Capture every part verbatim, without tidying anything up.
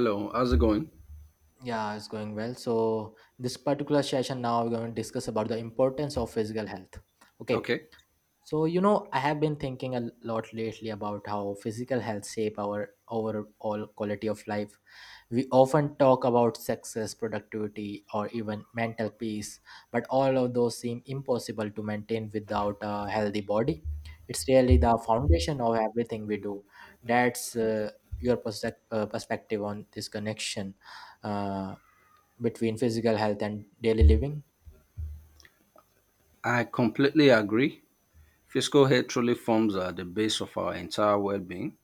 Hello, how's it going? Yeah, it's going well. So this particular session now we're going to discuss about the importance of physical health. Okay. Okay, So you know, I have been thinking a lot lately about how physical health shape our overall quality of life. We often talk about success, productivity, or even mental peace, but all of those seem impossible to maintain without a healthy body. It's really the foundation of everything we do. That's uh, your perspec- uh, perspective on this connection. Uh, Between physical health and daily living? I completely agree. Physical health truly forms uh, the base of our entire well being.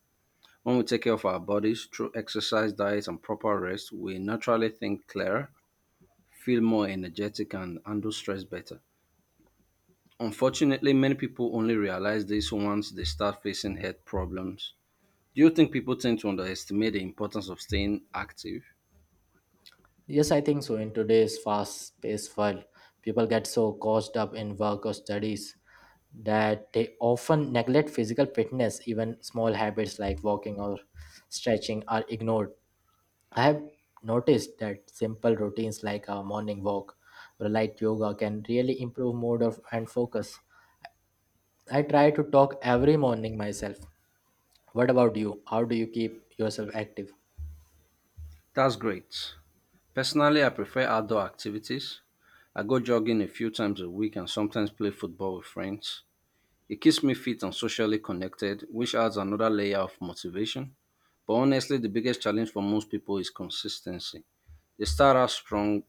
When we take care of our bodies through exercise, diet, and proper rest, we naturally think clearer, feel more energetic, and handle stress better. Unfortunately, many people only realize this once they start facing health problems. Do you think people tend to underestimate the importance of staying active? Yes, I think so. In today's fast paced world, people get so caught up in work or studies that they often neglect physical fitness. Even small habits like walking or stretching are ignored. I have noticed that simple routines like a morning walk or light yoga can really improve mood of, and focus. I try to talk every morning myself. What about you? How do you keep yourself active? That's great. Personally, I prefer outdoor activities. I go jogging a few times a week and sometimes play football with friends. It keeps me fit and socially connected, which adds another layer of motivation. But honestly, the biggest challenge for most people is consistency. They start out strong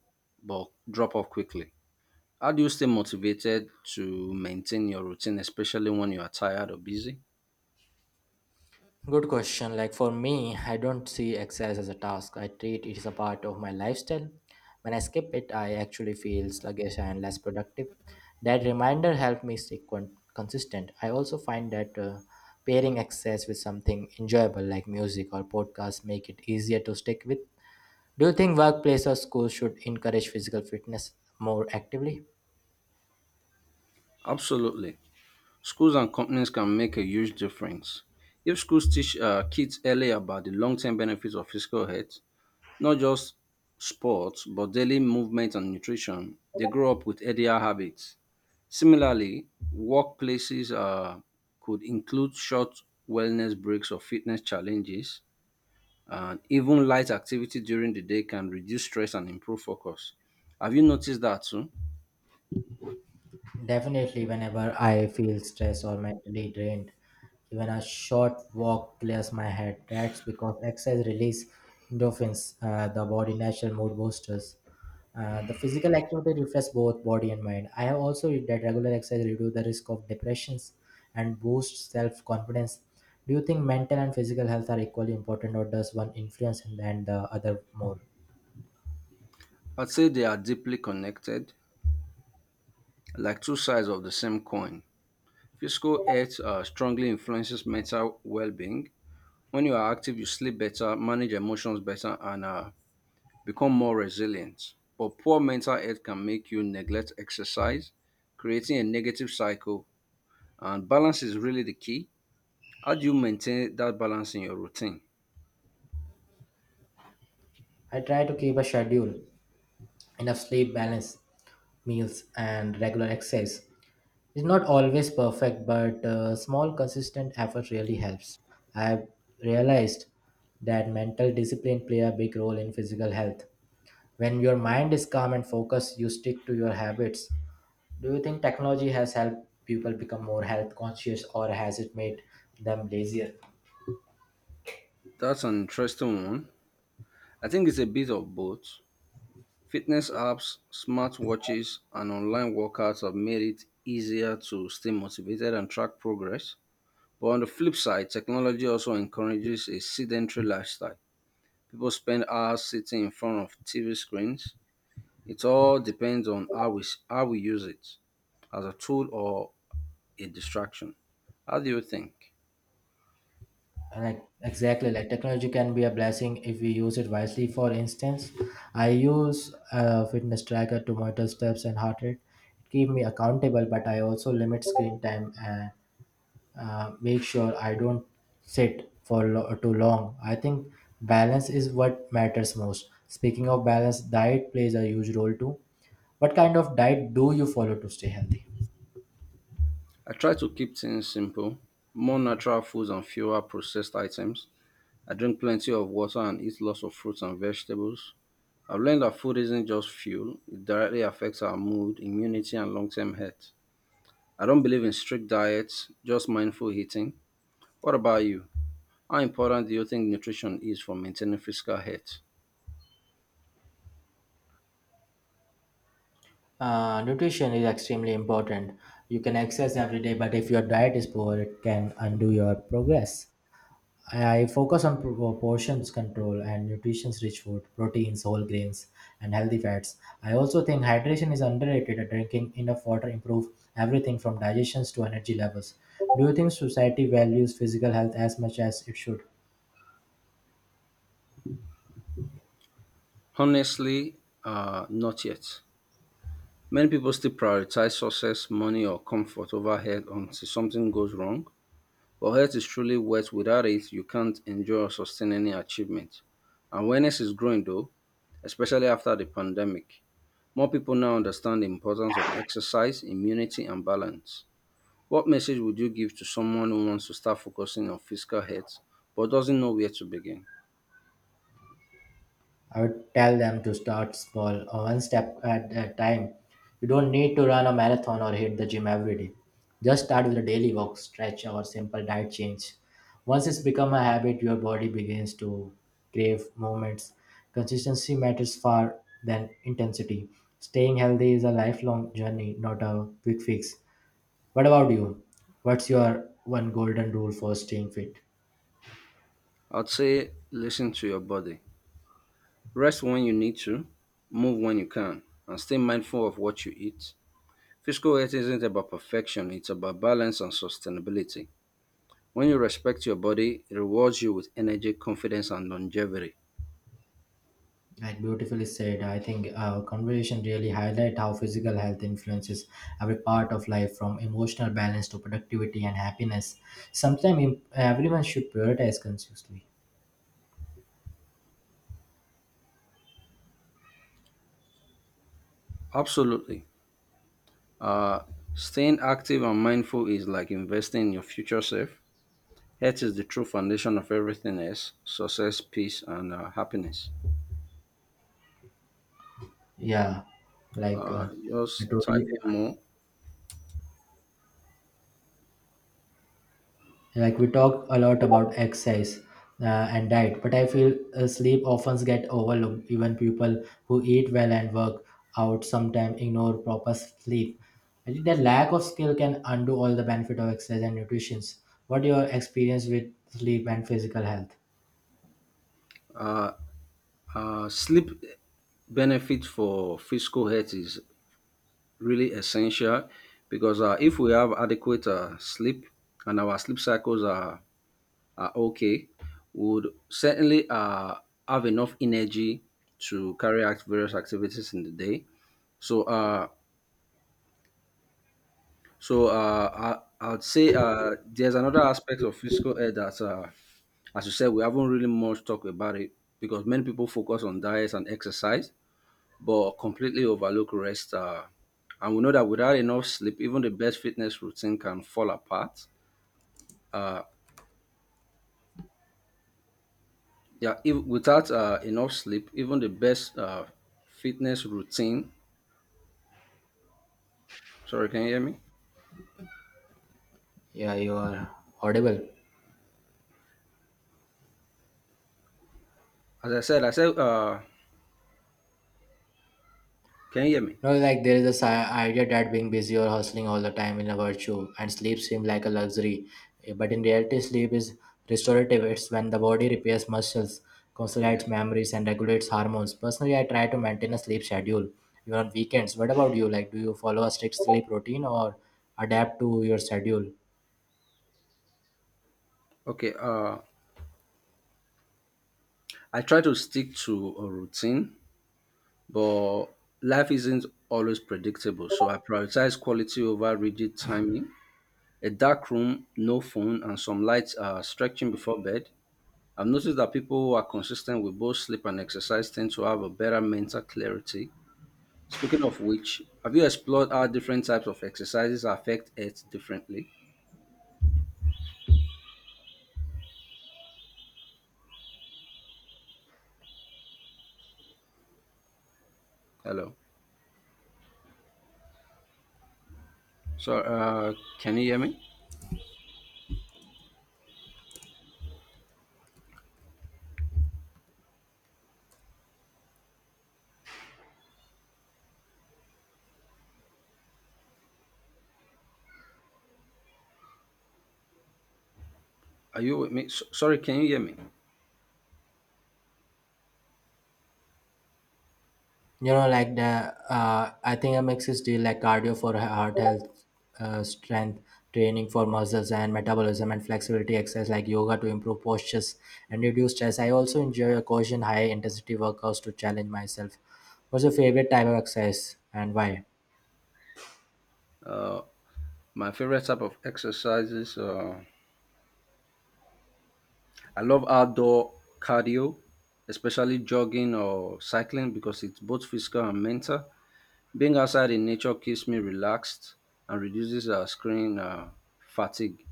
but drop off quickly. How do you stay motivated to maintain your routine, especially when you are tired or busy? Good question. Like for me, I don't see exercise as a task. I treat it as a part of my lifestyle. When I skip it, I actually feel sluggish and less productive. That reminder helped me stay con- consistent. I also find that uh, pairing exercise with something enjoyable like music or podcast make it easier to stick with. Do you think workplace or schools should encourage physical fitness more actively? Absolutely. Schools and companies can make a huge difference. If schools teach uh, kids early about the long term benefits of physical health, not just sports, but daily movement and nutrition, they grow up with healthier habits. Similarly, workplaces uh, could include short wellness breaks or fitness challenges, and even light activity during the day can reduce stress and improve focus. Have you noticed that too? Definitely, whenever I feel stressed or mentally drained, even a short walk clears my head. That's because exercise release endorphins, uh, the body natural mood boosters. Uh, the physical activity refreshes both body and mind. I have also read that regular exercise reduces the risk of depressions and boosts self confidence. Do you think mental and physical health are equally important, or does one influence and the other more? I'd say they are deeply connected, like two sides of the same coin. Physical health uh, strongly influences mental well being. When you are active, you sleep better, manage emotions better, and uh, become more resilient. But poor mental health can make you neglect exercise, creating a negative cycle. And balance is really the key. How do you maintain that balance in your routine? I try to keep a schedule. Enough sleep, balanced meals, and regular exercise. It's not always perfect, but uh, small, consistent effort really helps. I've realized that mental discipline play a big role in physical health. When your mind is calm and focused, you stick to your habits. Do you think technology has helped people become more health conscious, or has it made them lazier? That's an interesting one. I think it's a bit of both. Fitness apps, smartwatches, and online workouts have made it easier to stay motivated and track progress. But on the flip side, technology also encourages a sedentary lifestyle. People spend hours sitting in front of T V screens. It all depends on how we, s- how we use it as a tool or a distraction. How do you think? Like exactly, like technology can be a blessing if we use it wisely. For instance, I use a fitness tracker to monitor steps and heart rate. It keeps me accountable, but I also limit screen time and uh, make sure I don't sit for lo- too long. I think balance is what matters most. Speaking of balance, diet plays a huge role too. What kind of diet do you follow to stay healthy? I try to keep things simple, more natural foods and fewer processed items. I drink plenty of water and eat lots of fruits and vegetables. I've learned that food isn't just fuel, it directly affects our mood, immunity, and long term health. I don't believe in strict diets, just mindful eating. What about you? How important do you think nutrition is for maintaining physical health? Uh, nutrition is extremely important. You can exercise every day, but if your diet is poor, it can undo your progress. I focus on pro- portions control and nutrition's rich food, proteins, whole grains, and healthy fats. I also think hydration is underrated. Drinking enough water improves everything from digestions to energy levels. Do you think society values physical health as much as it should? Honestly, uh, not yet. Many people still prioritize success, money, or comfort over health until something goes wrong. But health is truly worth. Without it, you can't enjoy or sustain any achievement. Awareness is growing though, especially after the pandemic. More people now understand the importance of exercise, immunity, and balance. What message would you give to someone who wants to start focusing on physical health but doesn't know where to begin? I would tell them to start small, uh, one step at a time. You don't need to run a marathon or hit the gym every day. Just start with a daily walk, stretch, or simple diet change. Once it's become a habit, your body begins to crave movements. Consistency matters far than intensity. Staying healthy is a lifelong journey, not a quick fix. What about you? What's your one golden rule for staying fit? I'd say listen to your body. Rest when you need to, move when you can, and stay mindful of what you eat. Physical health isn't about perfection, it's about balance and sustainability. When you respect your body, it rewards you with energy, confidence, and longevity. Right, beautifully said. I think our conversation really highlight how physical health influences every part of life, from emotional balance to productivity and happiness. Sometimes everyone should prioritize consciously. Absolutely. Uh, Staying active and mindful is like investing in your future self. Health is the true foundation of everything else success, peace, and uh, happiness. Yeah, like Uh, uh, I Just type totally, in more. like, we talk a lot about exercise uh, and diet, but I feel uh, sleep often get overlooked. Even people who eat well and work out sometimes ignore proper sleep. I think the lack of skill can undo all the benefit of exercise and nutrition. What your experience with sleep and physical health? Uh, uh, Sleep benefit for physical health is really essential because uh, if we have adequate uh, sleep and our sleep cycles are, are okay, we would certainly uh, have enough energy to carry out various activities in the day. So, uh, So uh, I I'd say uh, there's another aspect of physical health that, uh, as you said, we haven't really much talked about it because many people focus on diets and exercise, but completely overlook rest. Uh, and we know that without enough sleep, even the best fitness routine can fall apart. Uh, yeah, if, without uh, enough sleep, even the best uh, fitness routine. Sorry, can you hear me? Yeah, you are audible. As I said, I said, uh, can you hear me? No, like there is this i- idea that being busy or hustling all the time is a virtue, and sleep seems like a luxury. Eh, But in reality, sleep is restorative. It's when the body repairs muscles, Yes. consolidates memories, and regulates hormones. Personally, I try to maintain a sleep schedule even on weekends. What about you? Like, do you follow a strict sleep routine or adapt to your schedule? Okay. Uh, I try to stick to a routine but life isn't always predictable. So I prioritize quality over rigid timing. A dark room, no phone, and some lights are stretching before bed. I've noticed that people who are consistent with both sleep and exercise tend to have a better mental clarity. Speaking of which, have you explored how different types of exercises affect it differently? Hello. So, uh, can you hear me? Are you with me? S- sorry, can you hear me? You know, like the uh, I think a mix is do like cardio for he- heart health, uh, strength training for muscles and metabolism and flexibility exercise like yoga to improve postures and reduce stress. I also enjoy a caution high intensity workouts to challenge myself. What's your favorite type of exercise and why? Uh, my favorite type of exercises. Uh, I love outdoor cardio, especially jogging or cycling because it's both physical and mental. Being outside in nature keeps me relaxed and reduces uh, screen uh, fatigue.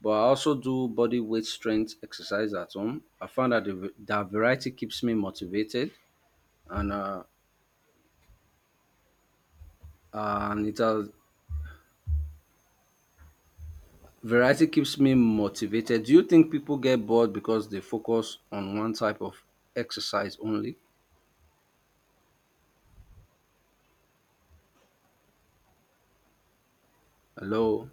But I also do body weight strength exercise at home. I found that the, that variety keeps me motivated and uh, and it has variety keeps me motivated. Do you think people get bored because they focus on one type of exercise only? Hello,